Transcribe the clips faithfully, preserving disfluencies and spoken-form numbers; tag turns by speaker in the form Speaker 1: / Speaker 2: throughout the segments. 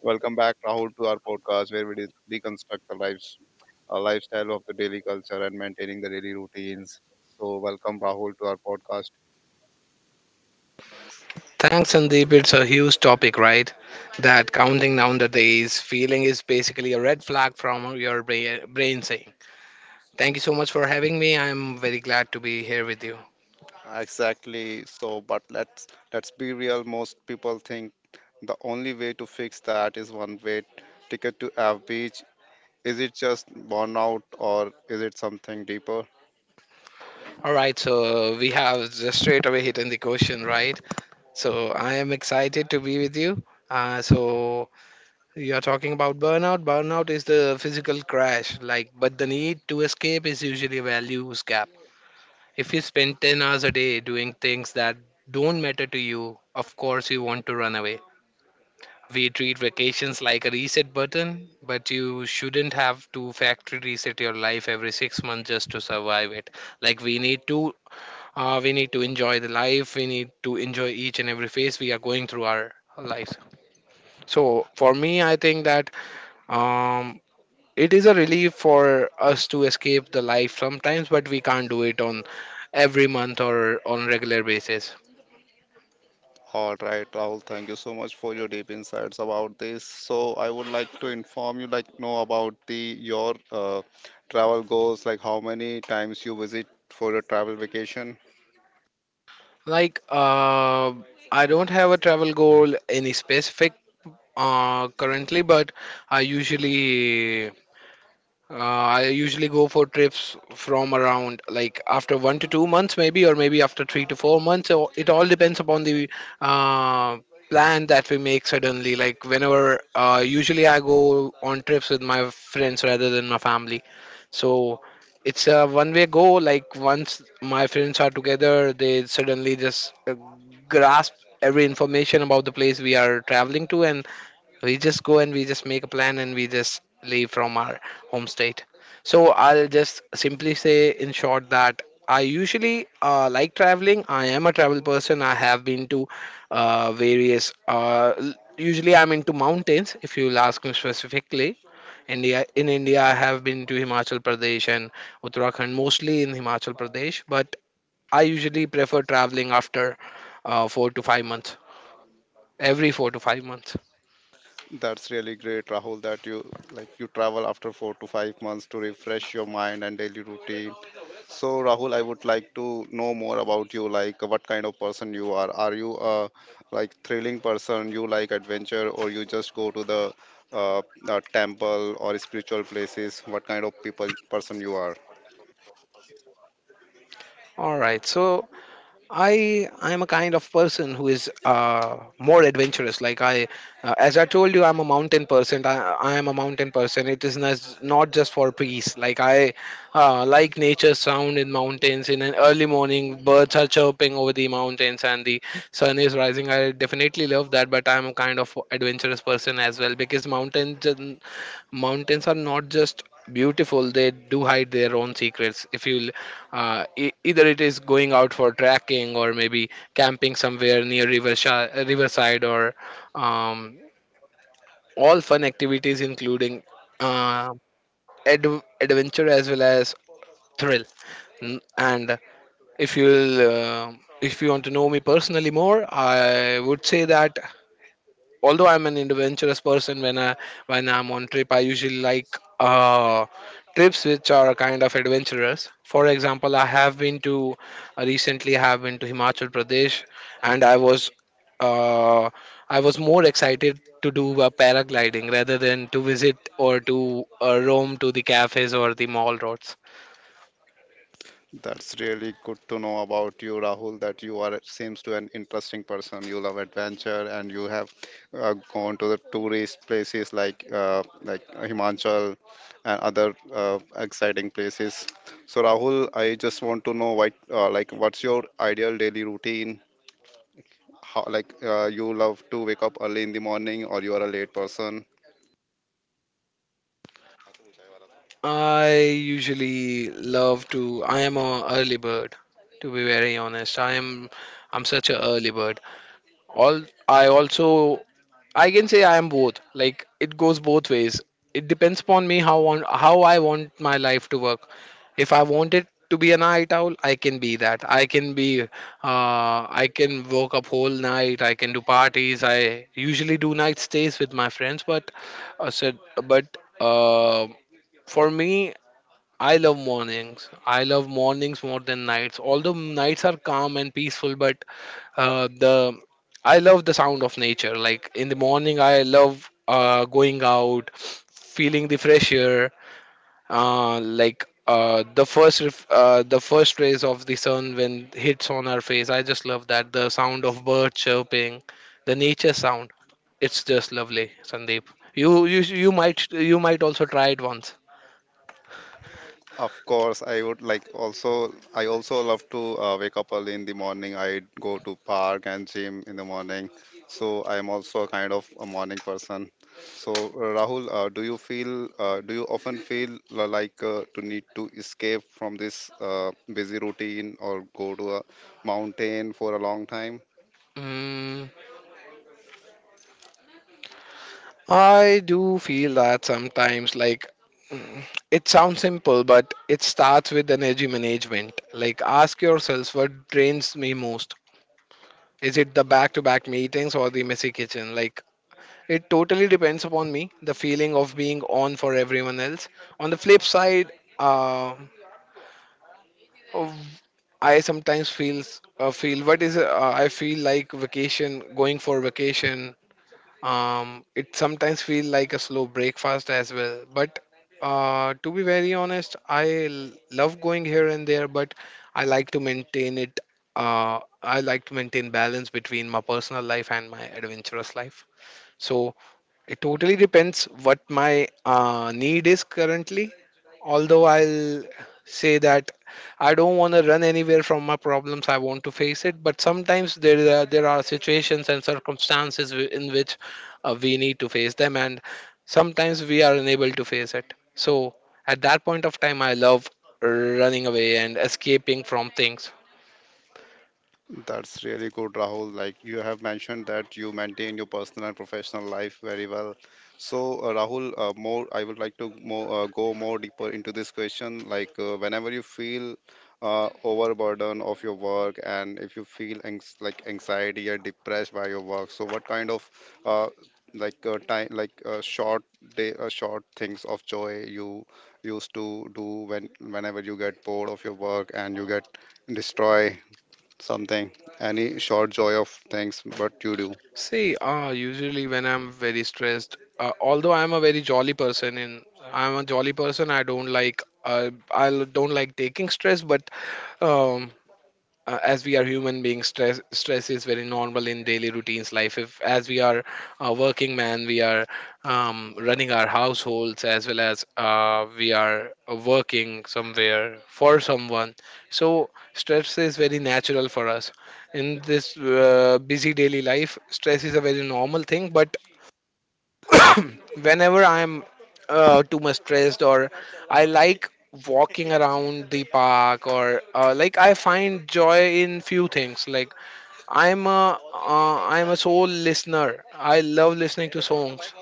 Speaker 1: Welcome back, Rahul, to our podcast where we de- deconstruct the lives, uh, lifestyle of the daily culture and maintaining the daily routines. So, welcome, Rahul, to our podcast.
Speaker 2: Thanks, Sandeep. It's a huge topic, right? That counting down the days feeling is basically a red flag from your bra- brain saying. Thank you so much for having me. I'm very glad to be here with you.
Speaker 1: Exactly. So, but let's let's be real. Most people think the only way to fix that is one way ticket to F beach. Is it just burnout or is it something deeper?
Speaker 2: All right, so we have just straight away hit in the question, right? So I am excited to be with you. Uh, so you are talking about burnout. Burnout is the physical crash, like, but the need to escape is usually a values gap. If you spend ten hours a day doing things that don't matter to you, of course you want to run away. We treat vacations like a reset button, but you shouldn't have to factory reset your life every six months just to survive it. Like, we need to uh, we need to enjoy the life, we need to enjoy each and every phase we are going through our lives. So for me, I think that um it is a relief for us to escape the life sometimes, but we can't do it on every month or on regular basis.
Speaker 1: All right, Rahul, thank you so much for your deep insights about this. So I would like to inform you, like, know about the your uh, travel goals, like how many times you visit for a travel vacation.
Speaker 2: Like, uh, I don't have a travel goal, any specific, uh, currently, but I usually Uh, I usually go for trips from around like after one to two months, maybe, or maybe after three to four months. So it all depends upon the uh, plan that we make suddenly. Like, whenever uh, usually I go on trips with my friends rather than my family. So it's a one way go. Like, once my friends are together, they suddenly just uh, grasp every information about the place we are traveling to, and we just go, and we just make a plan, and we just leave from our home state. So I'll just simply say in short that I usually, uh, like traveling, I am a travel person. I have been to uh, various. Uh, l- usually I'm into mountains. If you'll ask me specifically, india in india I have been to Himachal Pradesh and Uttarakhand, mostly in Himachal Pradesh. But I usually prefer traveling after uh, four to five months, every four to five months.
Speaker 1: That's really great, Rahul, that you like you travel after four to five months to refresh your mind and daily routine. So, Rahul, I would like to know more about you, like what kind of person you are. Are you a like thrilling person? You like adventure, or you just go to the uh, uh, temple or spiritual places? What kind of people person you are?
Speaker 2: All right, so I I'm a kind of person who is uh, more adventurous. Like I, uh, as I told you, I'm a mountain person. I, I am a mountain person. It is not, not just for peace. Like I uh, like nature's sound in mountains. In an early morning, birds are chirping over the mountains and the sun is rising. I definitely love that. But I'm a kind of adventurous person as well, because mountains mountains are not just beautiful. They do hide their own secrets. If you uh, e- Either it is going out for trekking, or maybe camping somewhere near river shi- uh, riverside, or um, all fun activities including uh, ad- adventure as well as thrill. N- and if you'll uh, if you want to know me personally more, I would say that although I'm an adventurous person, when I when I'm on trip, I usually like uh, trips which are kind of adventurous. For example, I have been to uh, recently I have been to Himachal Pradesh, and I was uh, I was more excited to do a paragliding rather than to visit or to uh, roam to the cafes or the mall roads.
Speaker 1: That's really good to know about you, Rahul. That you are seems to an interesting person. You love adventure, and you have uh, gone to the tourist places like uh, like Himachal and other uh, exciting places. So, Rahul, I just want to know what uh, like what's your ideal daily routine? How like uh, you love to wake up early in the morning, or you are a late person?
Speaker 2: I usually love to. I am a early bird, to be very honest. I am. I'm such a early bird. All I also, I can say I am both, like it goes both ways. It depends upon me, how on how I want my life to work. If I want it to be a night owl, I can be that, i can be uh, I can work up whole night, I can do parties, I usually do night stays with my friends, but uh, so, but uh, for me, I love mornings. I love mornings more than nights. Although nights are calm and peaceful, but uh, the I love the sound of nature. Like in the morning, I love uh, going out, feeling the fresh air, uh, like uh, the first ref- uh, the first rays of the sun when hits on our face. I just love that, the sound of birds chirping, the nature sound. It's just lovely, Sandeep. You you you might you might also try it once.
Speaker 1: Of course, I would like also. I also love to uh, wake up early in the morning. I go to park and gym in the morning, so I'm also kind of a morning person. So uh, Rahul, uh, do you feel? Uh, do you often feel li- like uh, to need to escape from this uh, busy routine or go to a mountain for a long time?
Speaker 2: Mm. I do feel that sometimes, like, mm, it sounds simple, but it starts with energy management. Like, ask yourself what drains me most. Is it the back to back meetings or the messy kitchen? Like, it totally depends upon me, the feeling of being on for everyone else. On the flip side, uh, I sometimes feels uh, feel what is uh, I feel like vacation, going for vacation. Um, it sometimes feels like a slow breakfast as well. But uh, to be very honest, I l- love going here and there, but I like to maintain it. Uh, I like to maintain balance between my personal life and my adventurous life. So it totally depends what my uh, need is currently. Although I'll say that I don't want to run anywhere from my problems, I want to face it. But sometimes there are, there are situations and circumstances wi- in which uh, we need to face them, and sometimes we are unable to face it. So at that point of time, I love running away and escaping from things.
Speaker 1: That's really good, Rahul. Like you have mentioned that you maintain your personal and professional life very well. So, uh, Rahul, uh, more I would like to more, uh, go more deeper into this question. Like uh, whenever you feel uh, overburden of your work, and if you feel anx- like anxiety or depressed by your work, so what kind of uh, like uh, time, like uh, short day, uh, short things of joy you used to do when whenever you get bored of your work and you get destroy something, any short joy of things, but you do.
Speaker 2: See, uh, usually when I'm very stressed, uh, although I'm a very jolly person, and I'm a jolly person, I don't like uh, I don't like taking stress. But um, uh, as we are human beings, stress stress is very normal in daily routines life, if as we are a working man, we are um, running our households, as well as, uh, we are working somewhere for someone. So stress is very natural for us. In this uh, busy daily life, stress is a very normal thing. But whenever I'm uh, too much stressed, or I like walking around the park, or uh, like I find joy in few things, like i'm a uh, i'm a soul listener. I love listening to songs,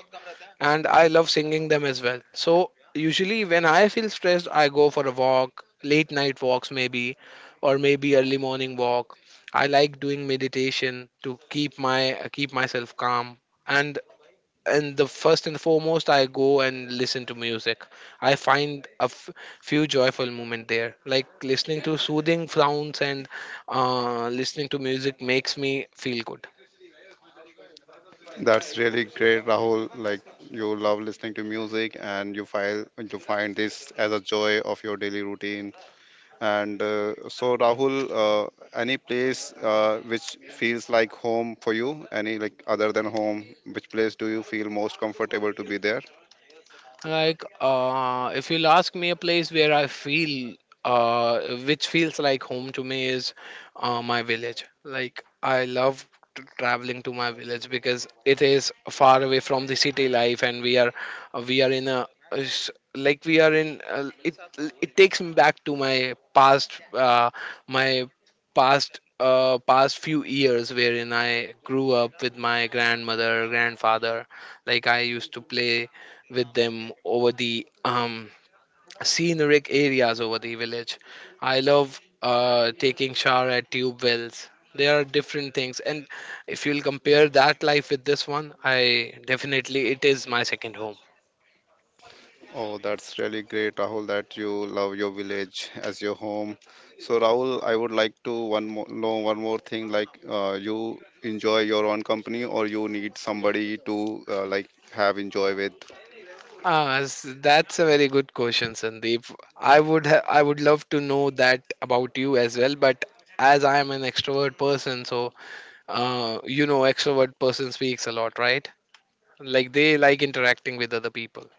Speaker 2: and I love singing them as well. So usually when I feel stressed, I go for a walk, late night walks maybe, or maybe early morning walk. I like doing meditation to keep my keep myself calm. And and the first and foremost, I go and listen to music. I find a f- few joyful moments there, like listening to soothing sounds, and uh, listening to music makes me feel good.
Speaker 1: That's really great, Rahul. Like you love listening to music, and you find you find this as a joy of your daily routine. And uh, so, Rahul, uh, any place uh, which feels like home for you, any like other than home, which place do you feel most comfortable to be there?
Speaker 2: Like, uh, if you'll ask me a place where I feel, uh, which feels like home to me, is uh, my village. Like, I love t- traveling to my village, because it is far away from the city life, and we are we are in a, is- like we are in uh, it it takes me back to my past uh, my past uh, past few years, wherein I grew up with my grandmother, grandfather. Like, I used to play with them over the um, scenic areas over the village. I love uh, taking shower at tube wells. There are different things, and if you'll compare that life with this one, I definitely, it is my second home.
Speaker 1: Oh, that's really great, Rahul, that you love your village as your home. So, Rahul, I would like to one more know one more thing. Like, uh, you enjoy your own company, or you need somebody to uh, like have enjoy with,
Speaker 2: Ah, s- that's a very good question, Sandeep. I would ha- I would love to know that about you as well, but as I am an extrovert person, so uh, you know, extrovert person speaks a lot, right? Like, they like interacting with other people.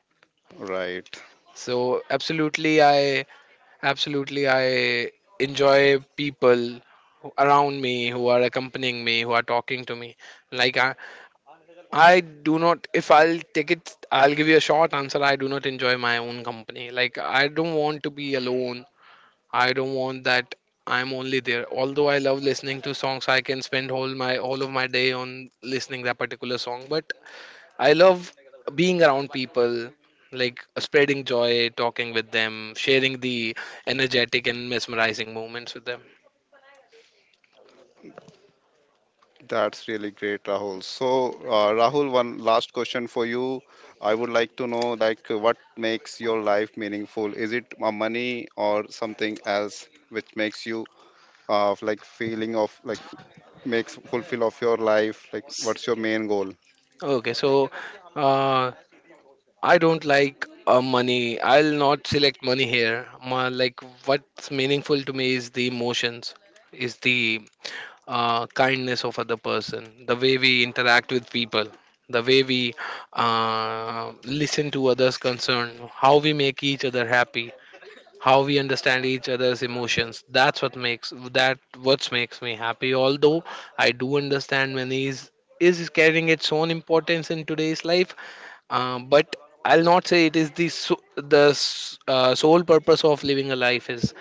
Speaker 1: right?
Speaker 2: So absolutely, I absolutely I enjoy people, who- around me, who are accompanying me, who are talking to me. Like, I, I do not. If I'll take it, I'll give you a short answer. I do not enjoy my own company. Like, I don't want to be alone. I don't want that. I'm only there. Although I love listening to songs, I can spend whole my all of my day on listening that particular song. But I love being around people, like uh, spreading joy, talking with them, sharing the energetic and mesmerizing moments with them.
Speaker 1: That's really great, Rahul. So, uh, Rahul, one last question for you. I would like to know, like, what makes your life meaningful? Is it uh, money or something else which makes you uh, like feeling of like makes fulfill of your life, like what's your main goal?
Speaker 2: Okay, so uh, I don't like uh, money. I'll not select money here. Ma, like, what's meaningful to me is the emotions, is the uh, kindness of other person, the way we interact with people, the way we uh, listen to others' concern, how we make each other happy, how we understand each other's emotions. That's what makes that What makes me happy, although I do understand, money is is carrying its own importance in today's life. Uh, but I'll not say it is the so, the s- uh, sole purpose of living a life is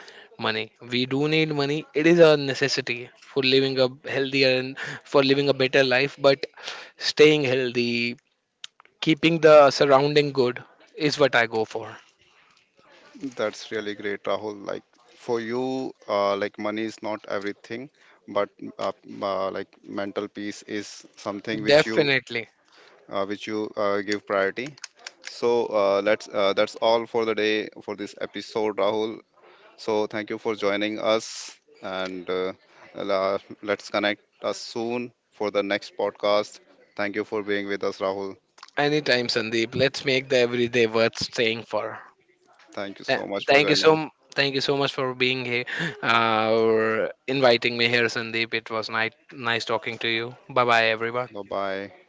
Speaker 2: money. We do need money. It is a necessity for living a healthier and for living a better life. But staying healthy, keeping the surrounding good, is what I go for.
Speaker 1: That's really great, Rahul. Like for you, uh, like money is not everything, but uh, uh, like mental peace is something which you
Speaker 2: Definitely.
Speaker 1: uh, which you uh, give priority. So uh, let's uh, that's all for the day for this episode, Rahul. So thank you for joining us, and uh, la- let's connect us soon for the next podcast. Thank you for being with us, Rahul.
Speaker 2: Anytime, Sandeep. Let's make the everyday worth staying for.
Speaker 1: Thank you
Speaker 2: Th-
Speaker 1: so much for
Speaker 2: Thank you
Speaker 1: joining.
Speaker 2: so thank you so much for being here, uh, or inviting me here, Sandeep. It was nice nice talking to you. Bye bye, everyone.
Speaker 1: Bye bye.